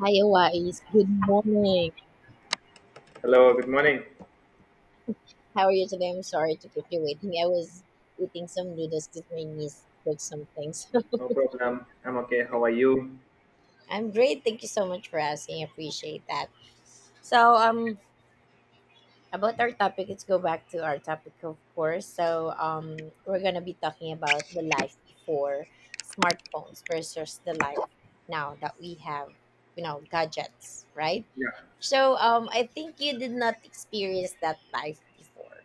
Hi, Wise. Good morning. Hello, good morning. How are you today? I'm sorry to keep you waiting. I was eating some noodles because my niece cooked some things. No problem. I'm okay. How are you? I'm great. Thank you so much for asking. I appreciate that. So, about our topic, let's go back to our topic, of course. So, we're gonna be talking about the life before smartphones versus the life now that we have, gadgets, right? Yeah. So, I think you did not experience that life before,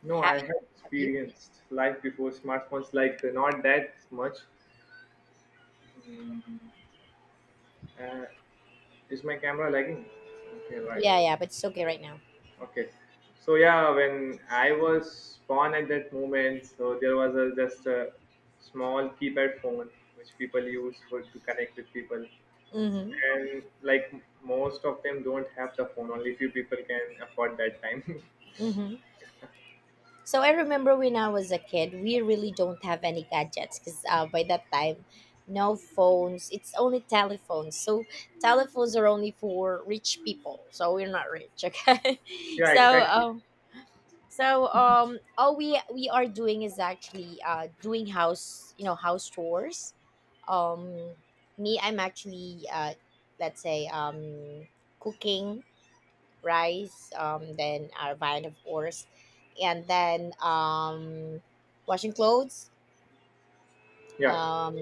No, I have you? have Have you? experienced life before smartphones, like not that much. Mm, uh, is my camera lagging? Okay, right. Yeah, yeah, but it's okay right now. Okay. So yeah, when I was born at that moment, so there was a, just a small keypad phone which people used for to connect with people, Mm-hmm. and like most of them don't have the phone. Only few people can afford that time. Mm-hmm. So I remember when I was a kid, we really don't have any gadgets because by that time, no phones. It's only telephones. So telephones are only for rich people. So we're not rich, okay? Yeah, so exactly. um, all we are doing is actually doing house you know house chores. Um, me, I'm actually let's say cooking rice, then our vine, of course, and then washing clothes, Yeah. um,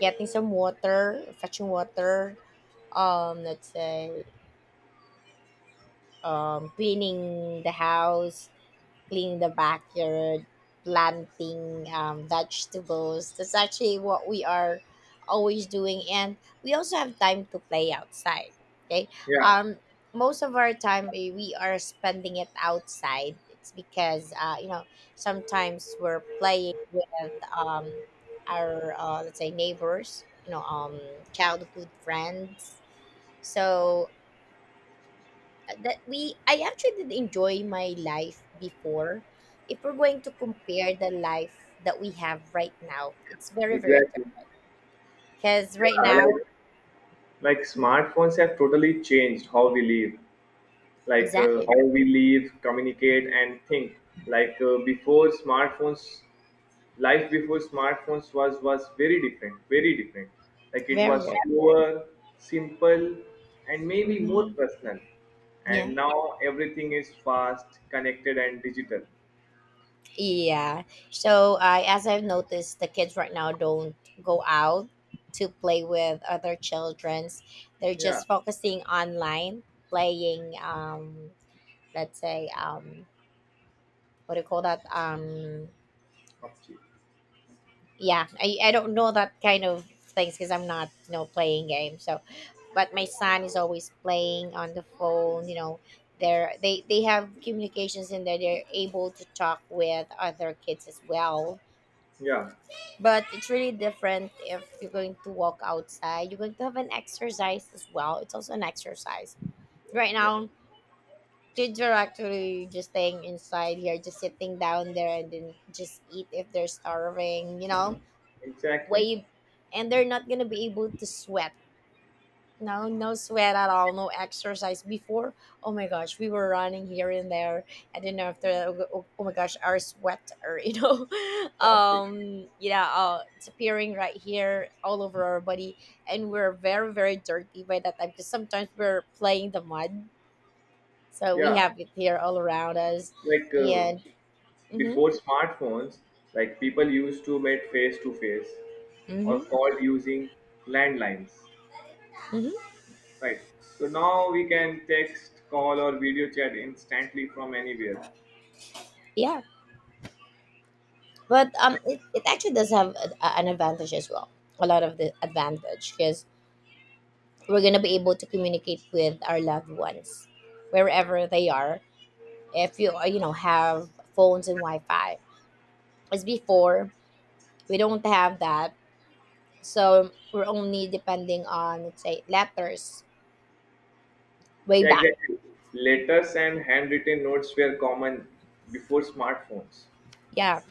getting some water, fetching water, let's say cleaning the house, cleaning the backyard, planting vegetables. That's actually what we are always doing, and we also have time to play outside. Okay, Yeah, um, most of our time we are spending it outside. It's because sometimes we're playing with our let's say neighbors, childhood friends. So that we I actually did enjoy my life before. If we're going to compare the life that we have right now, it's very, very exactly. because right Yeah, now, like smartphones have totally changed how we live, exactly. how we live, communicate, and think. Before smartphones, life before smartphones was very different, very different. Like it Very, was very. slower, simple, and maybe more Hmm. personal. Yeah, And now everything is fast, connected, and digital. yeah. So I as I've noticed, the kids right now don't go out to play with other childrens. They're Yeah, just focusing online playing. Let's say what do you call that? Akshi. yeah, I don't know that kind of things because I'm not playing games, so. But my son is always playing on the phone, they have communications in there, they're able to talk with other kids as well. Yeah, But it's really different if you're going to walk outside, you're going to have an exercise as well, it's also an exercise. Right yeah, now, kids are actually just staying inside here, just sitting down there and then just eat if they're starving. exactly. Wave. And they're not gonna be able to sweat, no, no sweat at all, no exercise before. Oh my gosh, we were running here and there, and then after, oh, oh my gosh, our sweat, or Exactly. Yeah, it's appearing right here all over our body, and we're very, very dirty by that time because sometimes we're playing the mud, so we Yeah, have it here all around us. like uh, And mm-hmm, Before smartphones, like people used to meet face to face or mm-hmm, called using landlines, mm-hmm. right? So now we can text, call, or video chat instantly from anywhere. Yeah. But it actually does have an advantage as well. A lot of the advantage because we're gonna be able to communicate with our loved ones wherever they are. If you you know have phones and Wi-Fi, as before we don't have that, so we're only depending on, let's say, letters way Yeah, back. exactly. Letters and handwritten notes were common before smartphones. Yeah,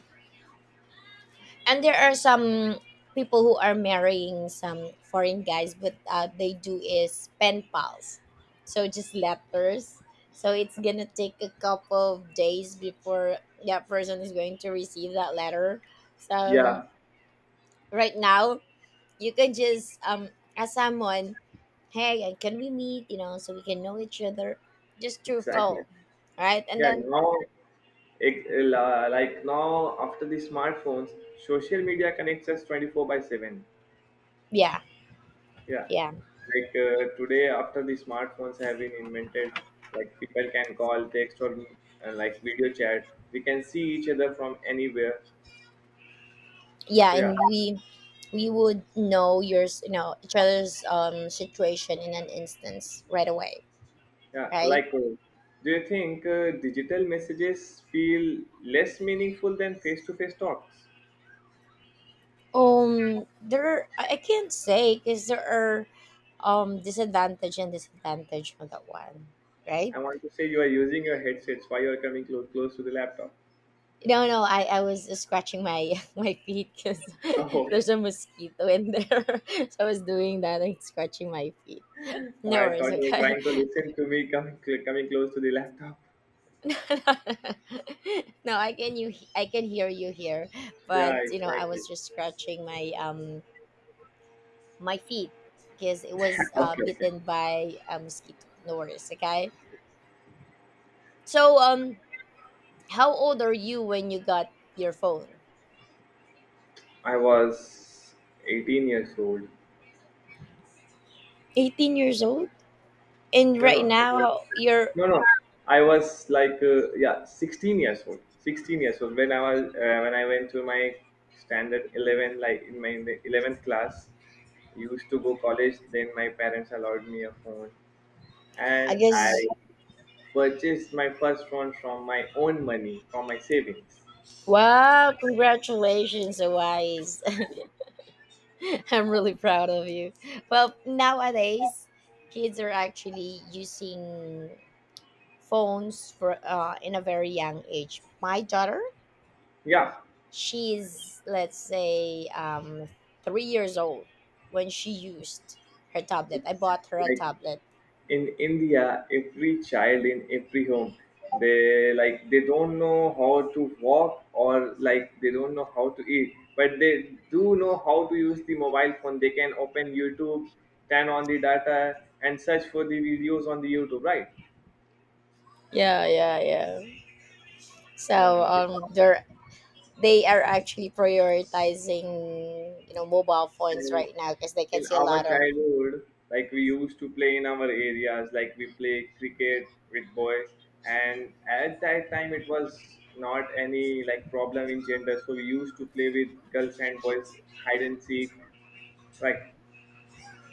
and there are some people who are marrying some foreign guys, but they do is pen pals, so just letters, so it's gonna take a couple of days before that person is going to receive that letter. So Yeah, right now you can just ask someone, hey, can we meet you know so we can know each other just through exactly. phone, right? And Yeah, then now, like now, after the smartphones, social media connects us 24 by 7. yeah, Yeah, yeah, today after the smartphones have been invented, like people can call, text, or like video chat. We can see each other from anywhere. yeah, So yeah, and we would know yours you know each other's situation in an instance right away, yeah. right. Like, do you think digital messages feel less meaningful than face-to-face talks? There, I can't say because there are disadvantage and disadvantage on that one, right. I want to say you are using your headsets. Why you are coming close to the laptop? No, no, I was just scratching my my feet because there's a mosquito in there. So I was doing that and scratching my feet. Oh, No I thought worries, you were okay. trying to listen to me coming close to the laptop. No, I can hear you here, but Yeah, I exactly. was just scratching my my feet because it was Okay, okay. bitten by a mosquito. No worries, okay. So how old are you when you got your phone? I was 18 years old. 18 years old, and No, no, right it now was, you're, no, no. I was like yeah, 16 years old. 16 years old when I was when I went to my standard 11, like in the 11th class. Used to go college. Then my parents allowed me a phone, I and I guess. purchased my first phone from my own money, from my savings. Wow, congratulations, Wise. I'm really proud of you. Well, nowadays kids are actually using phones for in a very young age. My daughter, Yeah, she's, let's say, 3 years old when she used her tablet. I it's bought her a like tablet. in India, every child in every home, they don't know how to walk or like they don't know how to eat, but they do know how to use the mobile phone. They can open YouTube, turn on the data, and search for the videos on the YouTube, right? Yeah, yeah, yeah. Well, So they are actually prioritizing mobile phones and right now because they can in see a our lot of, childhood, like we used to play in our areas, like we play cricket with boys, and at that time it was not any like problem in gender, so we used to play with girls and boys, hide and seek. Like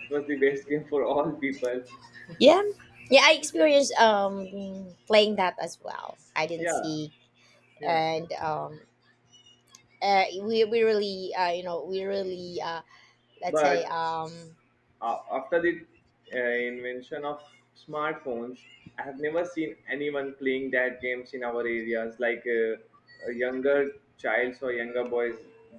it was the best game for all people. yeah, yeah. I experienced playing that as well. I didn't Yeah, see. yeah. And we really let's say But after the invention of smartphones, I have never seen anyone playing that games in our areas. Younger childs or younger boys,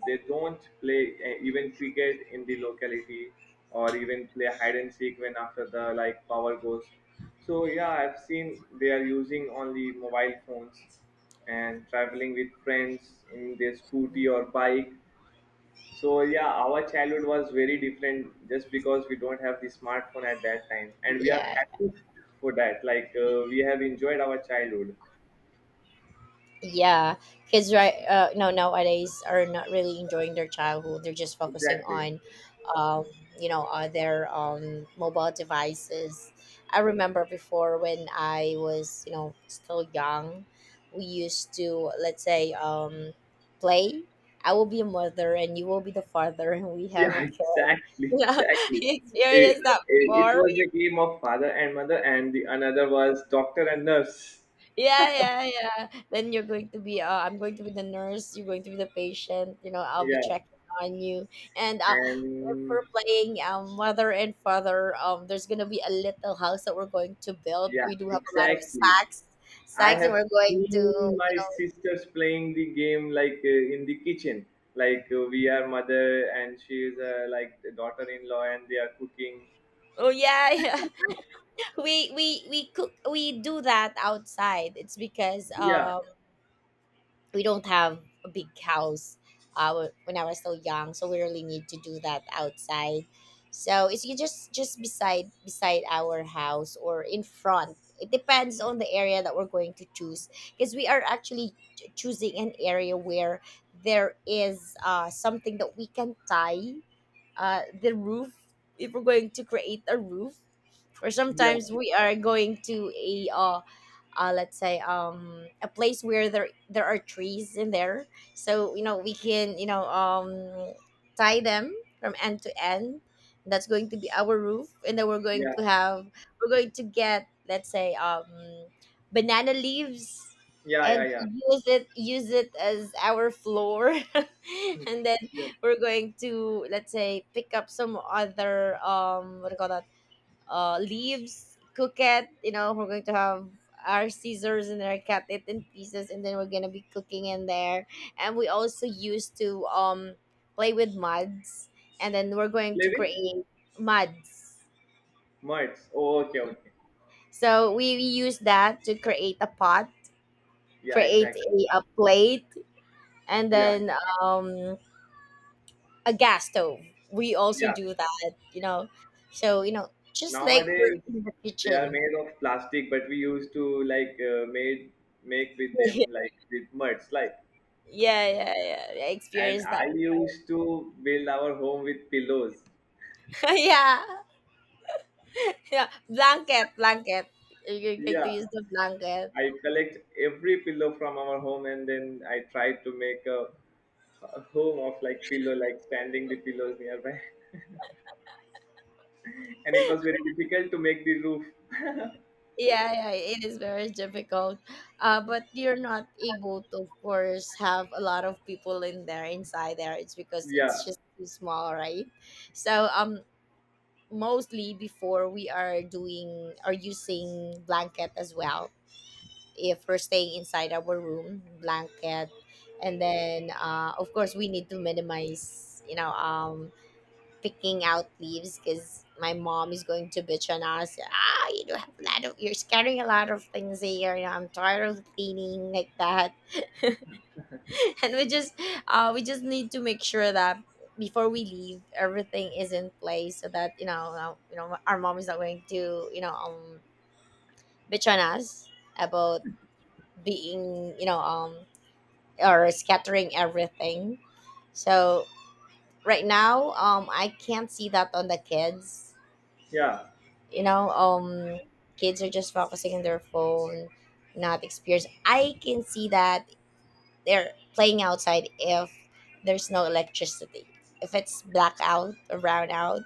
they don't play even cricket in the locality or even play hide and seek when after the like power goes. So yeah, I've seen they are using only mobile phones and traveling with friends in their scooty or bike. So yeah, our childhood was very different just because we don't have the smartphone at that time, and we are yeah, happy for that. We have enjoyed our childhood. yeah. Kids nowadays are not really enjoying their childhood, they're just focusing Exactly. on um their mobile devices. I remember before when I was, still young, we used to, let's say, play. I will be a mother and you will be the father and we have Yeah, a kid. exactly, Yeah, exactly. you It, experienced that it before. was a game of father and mother, and the another was doctor and nurse. Yeah, yeah, yeah. Then you're going to be I'm going to be the nurse, you're going to be the patient, I'll be Yeah, checking on you. And and for playing mother and father, there's gonna be a little house that we're going to build. yeah, We do have a lot of exactly. sacks. I Sacks and have we're going to, seen my sisters playing the game in the kitchen, we are mother and she is like the daughter-in-law and they are cooking. oh yeah, yeah. We do that outside. It's because Yeah, we don't have a big house, uh, when I was still young, so we really need to do that outside. So it's you just beside our house or in front. It depends on the area that we're going to choose because we are actually choosing an area where there is something that we can tie the roof if we're going to create a roof, or yeah, sometimes we are going to a let's say a place where there are trees in there, so we can tie them from end to end. That's going to be our roof, and then yeah, we're going to get, let's say, banana leaves yeah, yeah, and yeah. Use it as our floor. And then Yeah. we're going to, let's say, pick up some other what do you call that, leaves, cook it, we're going to have our scissors and our cut it in pieces, and then we're gonna be cooking in there. And we also used to play with muds, and then we're going to Living? create muds, Merds. Oh, okay, okay. so we use that to create a pot, Yeah, create exactly. A plate, and Yeah, then um a gas stove. We also yeah. do that. So, just like we're Nowadays in the they are kitchen. made of plastic, but we used to like made make with Yeah, them like with merds, like. yeah, yeah. I And experienced that I before. used to build our home with pillows. Yeah. Yeah. Blanket, blanket. You get to Yeah, use the blanket. I collect every pillow from our home and then I try to make a home of like pillow, like standing the pillows nearby. And it was very difficult to make the roof. Yeah, yeah, it is very difficult. But you're not able to, of course, have a lot of people in there, inside there. It's because it's Yeah, just too small, right? So, mostly before we are doing or using blanket as well, if we're staying inside our room, blanket. And then of course, we need to minimize picking out leaves because my mom is going to bitch on us. You do have a lot of you're scattering a lot of things here, I'm tired of cleaning like that. And we just need to make sure that before we leave everything is in place, so that our mom is not going to bitch on us about being, or scattering everything. So right now, I can't see that on the kids. yeah, You know, um, kids are just focusing on their phone, not experience. I can see that they're playing outside if there's no electricity. If it's blackout or brown out,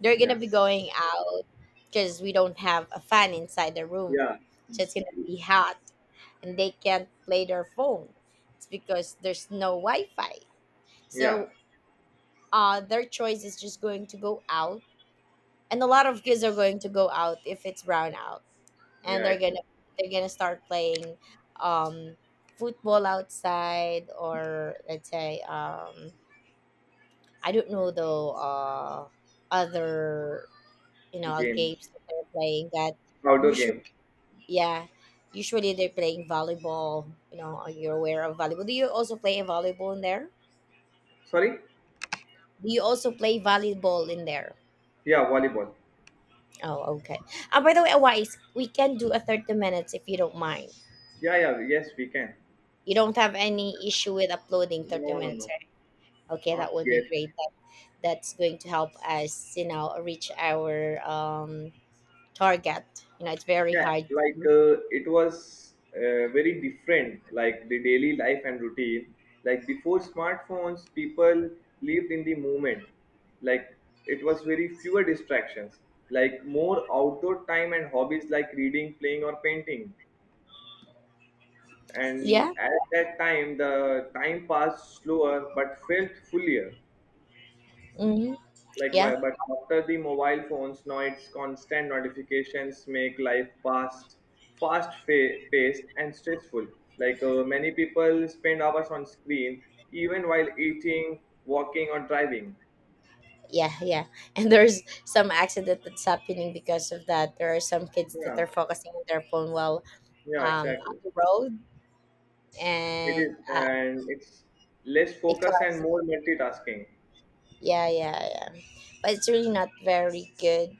they're gonna yeah, be going out because we don't have a fan inside the room, yeah, so it's gonna be hot, and they can't play their phone. It's because there's no Wi-Fi. yeah, So their choice is just going to go out, and a lot of kids are going to go out if it's brown out, and yeah. they're gonna they're gonna start playing um, football outside, or let's say I don't know though, other games Games, that they're playing that outdoor usually, games. yeah, usually they're playing volleyball. Are you aware of volleyball? Do you also play volleyball in there? Sorry? Do you also play volleyball in there? Yeah, volleyball. Oh, okay. By the way, Wise, we can do a 30 minutes if you don't mind. Yeah, yeah, yes, we can. You don't have any issue with uploading 30 No, no, minutes, no, right? Okay, not that would be yet. great. That's going to help us, you know, reach our target. You know, it's very Yeah hard. It was very different like the daily life and routine. Like before smartphones people lived in the moment. Like it was very fewer distractions, like more outdoor time and hobbies like reading, playing or painting, and Yeah. at that time the time passed slower but felt fuller. Mm-hmm. Like Yeah. why, but after the mobile phones now it's constant notifications make life fast, paced and stressful. Many people spend hours on screen even while eating, walking or driving. Yeah. Yeah. And there's some accident that's happening because of that. There are some kids that Yeah, are focusing on their phone while yeah, on exactly. the road, It and is, and it's less it focus causes. and more multitasking. Yeah, yeah, yeah. But it's really not very good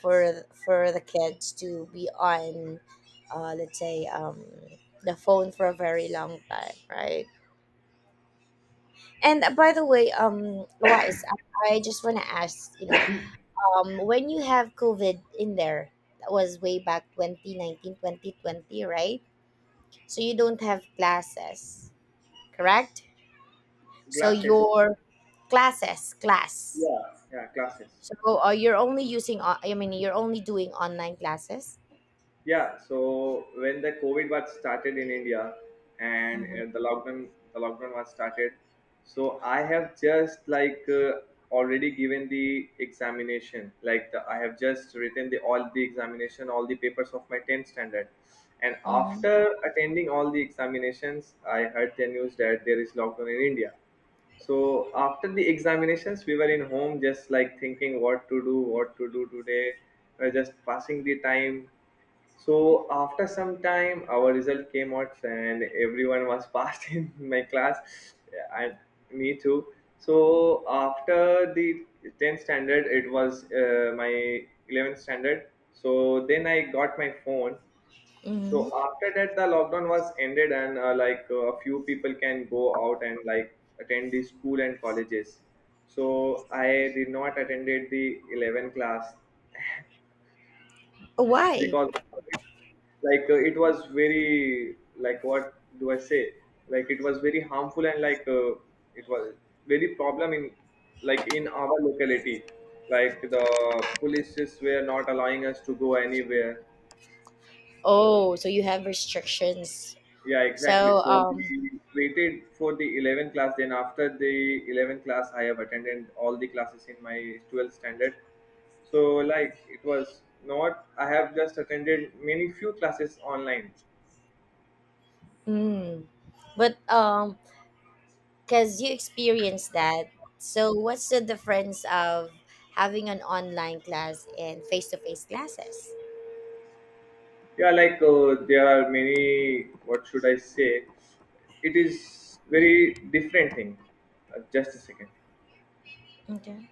for the kids to be on, let's say, the phone for a very long time, right? And by the way, Wise, I just want to ask, you know, when you have COVID in there, that was way back 2019, 2020, right? So you don't have classes, correct? So Glasses. your classes, class. Yeah, yeah, glasses. So you're only using, you're only doing online classes? Yeah, so when the COVID was started in India and Mm-hmm. the lockdown was started, so I have just already given the examination. I have just written the all the examination, all the papers of my 10th standard. And Mm-hmm. after attending all the examinations, I heard the news that there is lockdown in India. So after the examinations, we were in home just like thinking what to do today, just passing the time. So after some time, our result came out, and everyone was passed in my class, and me too. So after the 10th standard, it was my 11th standard. So then I got my phone. So Mm-hmm. after that, the lockdown was ended, and a few people can go out and like attend the school and colleges. So I did not attended the 11th class Why? because of COVID. It was very like what do I say, like it was very harmful and it was very problem in like in our locality, like the polices were not allowing us to go anywhere. Oh, so you have restrictions. Yeah, exactly. So, So we waited for the 11th class, then after the 11th class I have attended all the classes in my 12th standard. So it was not, I have just attended many few classes online. mm, but Because you experienced that, so what's the difference of having an online class and face-to-face classes? Yeah, there are many. What should I say? It is very different thing. Just a second. Okay.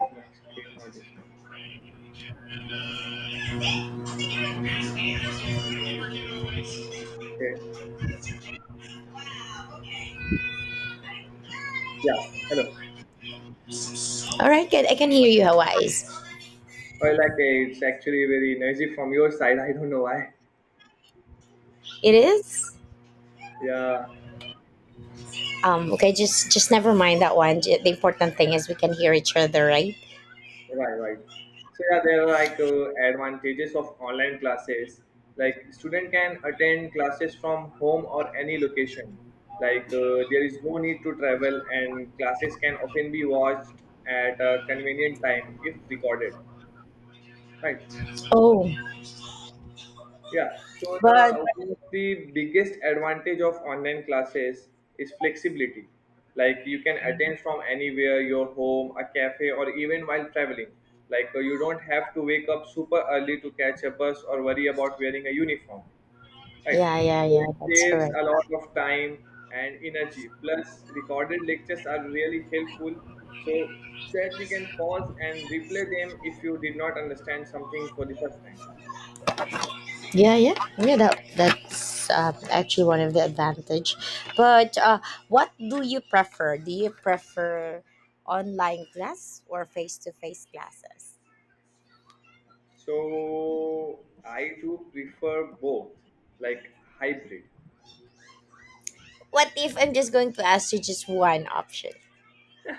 My screen not is- Okay. Yeah. Hello. All right, good. I can hear you, Hawaii's. Well, it's actually very noisy from your side. I don't know why. It is. Yeah. Okay, just never mind that one. The important thing is we can hear each other, right? Right, right. So yeah, there are advantages of online classes. Like student can attend classes from home or any location. There is no need to travel, and classes can often be watched at a convenient time if recorded. Right. Oh, Yeah. So but the one of the biggest advantage of online classes is flexibility. Like you can attend from anywhere, your home, a cafe, or even while traveling. You don't have to wake up super early to catch a bus or worry about wearing a uniform. Right. yeah, yeah, So yeah. it That's saves correct. a lot of time and energy. Plus, recorded lectures are really helpful. So that you can pause and replay them if you did not understand something for the first time. Yeah, yeah, yeah. That's actually one of the advantage. But what do you prefer? Do you prefer online class or face to face classes? So I do prefer both, like hybrid. What if I'm just going to ask you just one option?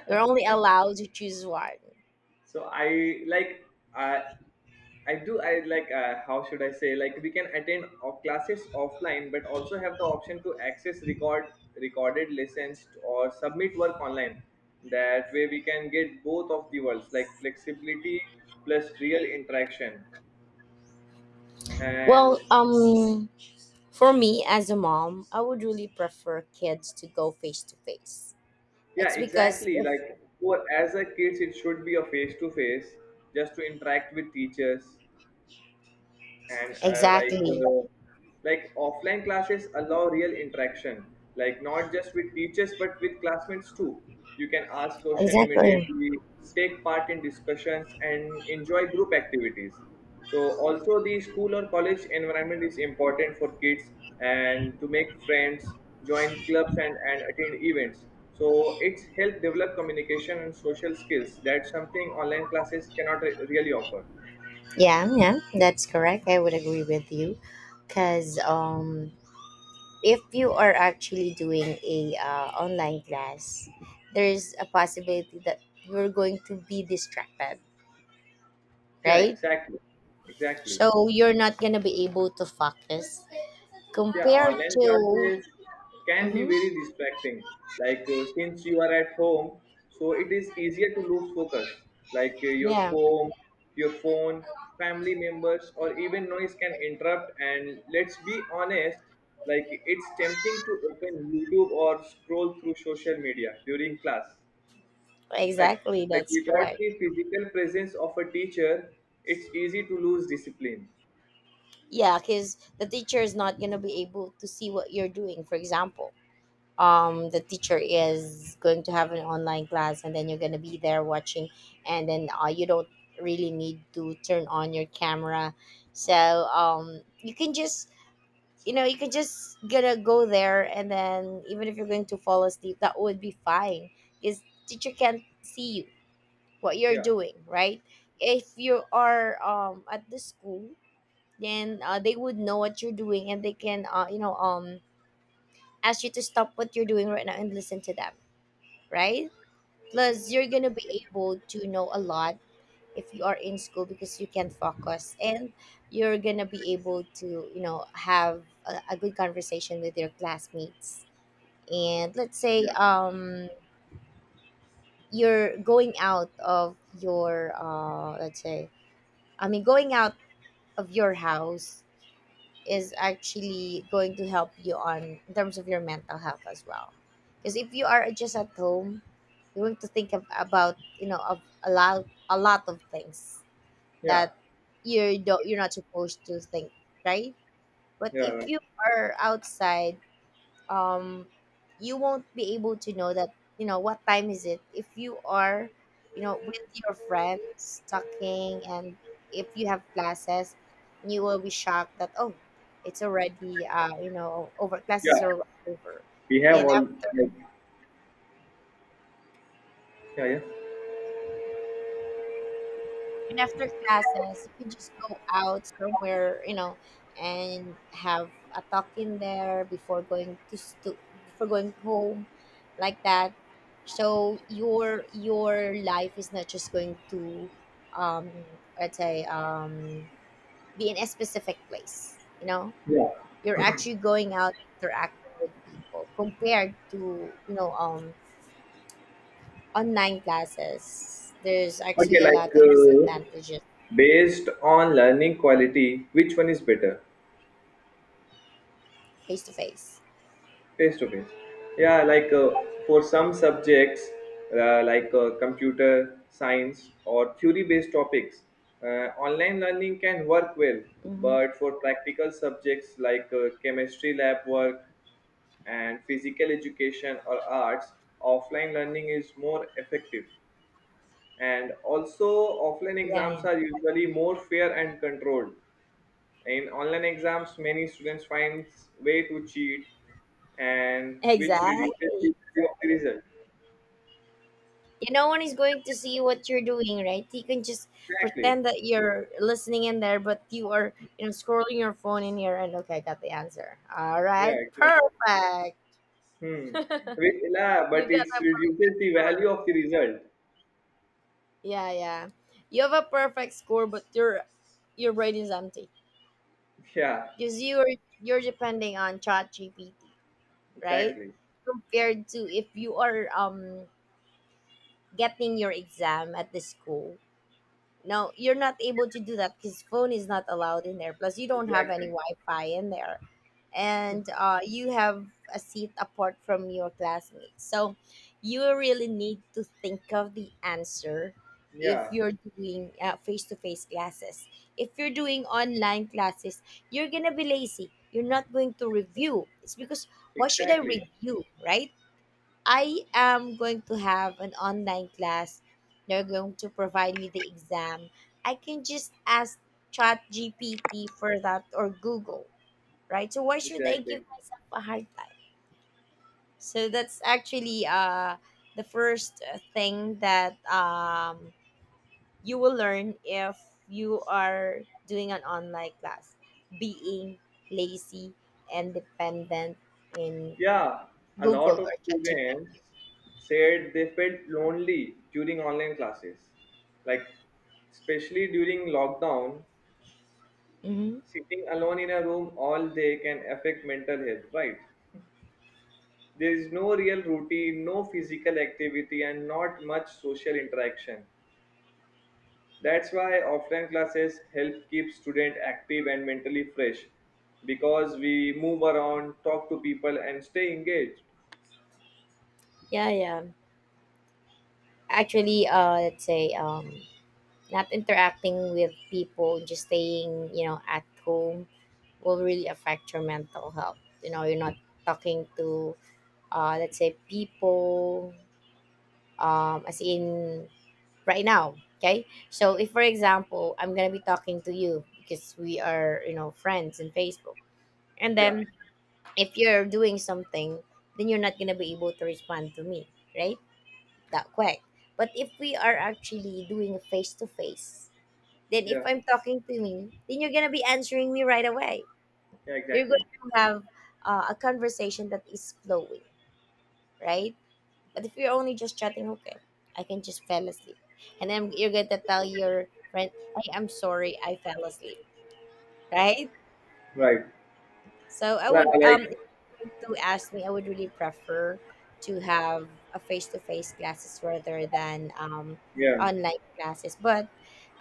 You're only allowed to choose one. So I like I I do I like how should I say, like we can attend of classes offline, but also have the option to access recorded lessons or submit work online. That way we can get both of the worlds like flexibility plus real interaction and Well, for me as a mom, I would really prefer kids to go face to face. Yeah, It's because exactly. if Like for as a kids, it should be a face to face, just to interact with teachers, and exactly, like offline classes allow real interaction, like not just with teachers but with classmates too. You can ask question exactly. immediately, take part in discussions and enjoy group activities. So also the school or college environment is important for kids and to make friends, join clubs and attend events. So it's help develop communication and social skills. That's something online classes cannot really offer. Yeah, yeah, that's correct. I would agree with you, because if you are actually doing a online class, there's a possibility that you're going to be distracted, Yeah, right? exactly, exactly. So you're not gonna be able to focus Yeah, compared online to. classes can be hmm very distracting. Since you are at home, so it is easier to lose focus. Like uh, your Yeah, phone, your phone, family members, or even noise can interrupt. And let's be honest, like it's tempting to open YouTube or scroll through social media during class. Like exactly. like That's without correct. the physical presence of a teacher, it's easy to lose discipline. Yeah, because the teacher is not going to be able to see what you're doing. For example, the teacher is going to have an online class, and then you're going to be there watching, and then you don't really need to turn on your camera. So you can just, you know, you can just gonna go there, and then even if you're going to fall asleep, that would be fine, because teacher can't see you what you're Yeah, doing, right? If you are at the school, then they would know what you're doing, and they can ask you to stop what you're doing right now and listen to them, right? Plus you're gonna be able to know a lot if you are in school, because you can focus, and you're gonna be able to, you know, have a good conversation with your classmates. And let's say yeah, you're going out of your let's say I mean going out of your house is actually going to help you on in terms of your mental health as well. Because if you are just at home, you're going to think of, about, you know, of a lot of things yeah, that you're not supposed to think, right? But yeah, if right. you are outside, um you won't be able to know that, you know, what time is it if you are, you know, with your friends talking, and if you have classes you will be shocked that, oh, it's already you know, over, classes Yeah. are over. We have and all like after yeah yeah. And after classes, you could just go out somewhere, you know, and have a talk in there before going to stu- before going home, like that. So your life is not just going to, um, let's say, um, be in a specific place. You know, Yeah. you're actually going out interacting with people compared to, you know, online classes. There's Okay, actually a lot of disadvantages. based on learning quality which one is better, Face to face. face to face. Yeah for some subjects, computer science or theory based topics, online learning can work well. But for practical subjects like chemistry lab work and physical education or arts, offline learning is more effective. And also offline Yeah, yeah. exams are usually more fair and controlled. In online exams many students find way to cheat, and which reduces the Exactly. value of the result. Yeah, no one is going to see what you're doing, right? You can just Exactly. pretend that you're listening in there, but you are, you know, scrolling your phone in here, and okay, I got the answer. All right. Yeah, exactly. Perfect. Hmm. Which- yeah, You but got it a reduces perfect the value score. of the result. Yeah, yeah. You have a perfect score, but your brain is empty. Yeah, Because you're depending on ChatGPT, right? exactly, Compared to if you are getting your exam at the school. No, you're not able to do that, because phone is not allowed in there. Plus, you don't have any exactly, Wi-Fi in there, and you have a seat apart from your classmates. So, you really need to think of the answer if yeah, you're doing face-to-face classes. If you're doing online classes, you're gonna be lazy. You're not going to review. It's because why should I exactly, review, right? I am going to have an online class. They're going to provide me the exam. I can just ask Chat GPT for that or Google, right? So why should I give exactly. myself a hard time? So that's actually the first thing that you will learn if you are doing an online class: being lazy and dependent in Yeah, a Google lot of or ChatGPT. students said they felt lonely during online classes. Like, especially during lockdown, Mm-hmm. sitting alone in a room all day can affect mental health, right? There is no real routine, no physical activity, and not much social interaction. That's why offline classes help keep students active and mentally fresh because we move around, talk to people, and stay engaged. Yeah, yeah. Actually let's say not interacting with people, just staying, you know, at home, will really affect your mental health. You know, you're not talking to let's say people, as in right now. Okay, so if, for example, I'm gonna be talking to you because we are, you know, friends in Facebook, and Yeah, then if you're doing something then you're not gonna be able to respond to me, right, that way. But if we are actually doing face to face, then if yeah, I'm talking to me, then you're gonna be answering me right away. yeah, You're exactly. going to have a conversation that is flowing, right? But if you're only just chatting, okay, I can just fell asleep, and then you're going to tell your friend, "Hey, I'm sorry, I fell asleep," right? Right. So I Li- would Like, if you were to ask me, I would really prefer to have a face to face classes rather than yeah, online classes. But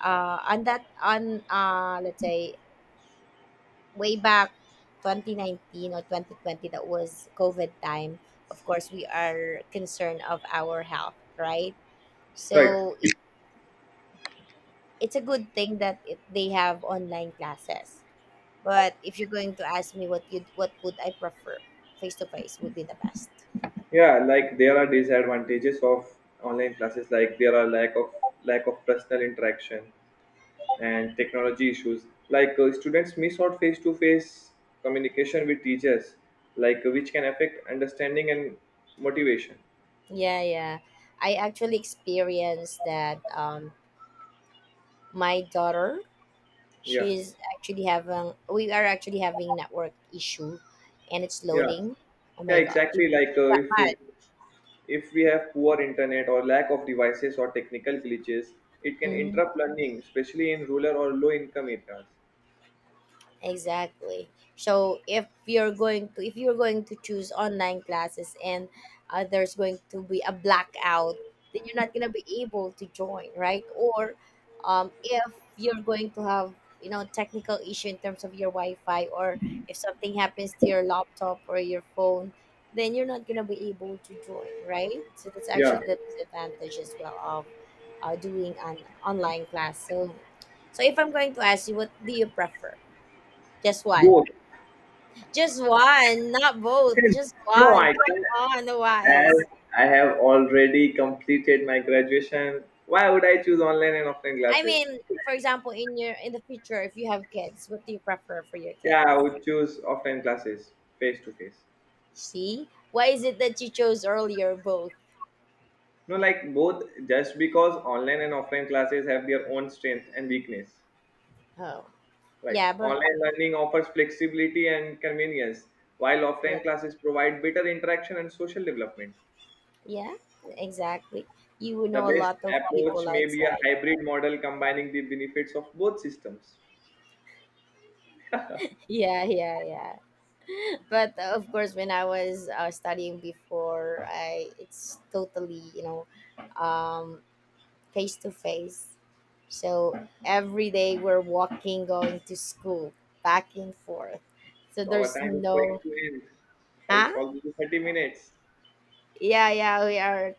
on that on let's say way back 2019 or 2020 that was COVID time, of course we are concerned of our health, right? So right. It's a good thing that they have online classes. But if you're going to ask me what would I prefer, face to face would be the best. Yeah, like there are disadvantages of online classes, like there are lack of personal interaction and technology issues. Students miss out face-to-face communication with teachers, like which can affect understanding and motivation. Yeah, yeah. I actually experienced that. My daughter, Yeah, she's actually having. We are actually having network issue, and it's yeah, loading. Oh yeah. my gosh, Exactly. Like she uh, got if mad. if we have poor internet or lack of devices or technical glitches, it can Mhm. interrupt learning, especially in rural or low-income areas. Exactly. So if you're going to choose online classes, and there's going to be a blackout, then you're not gonna be able to join, right? Or if you're going to have, you know, technical issue in terms of your Wi-Fi, or if something happens to your laptop or your phone, then you're not gonna be able to join, right? So that's Yeah. actually the disadvantage as well of doing an online class. So so if I'm going to ask you, what do you prefer? Just one. Both. Just one, not both. Since Just no, one. I think Come on, as Wise. I have already completed my graduation, why would I choose online and offline I classes? mean, for example, in your in the future, if you have kids, what do you prefer for your kids? Yeah, I would choose offline classes, face to face. See? Why is it that you chose earlier both? No, like both, just because online and offline classes have their own strength and weakness. Oh. Like Yeah, but online learning offers flexibility and convenience, while offline yeah. classes provide better interaction and social development. Yeah, exactly. You would The know a best lot of approach people may be a outside. hybrid model combining the benefits of both systems. Yeah, yeah, yeah. But of course, when I was studying before, I it's totally, you know, um, face to face. So every day we're walking, going to school, back and forth. So So our there's time is going no, to end. huh? It's already 30 minutes. Yeah, yeah, we are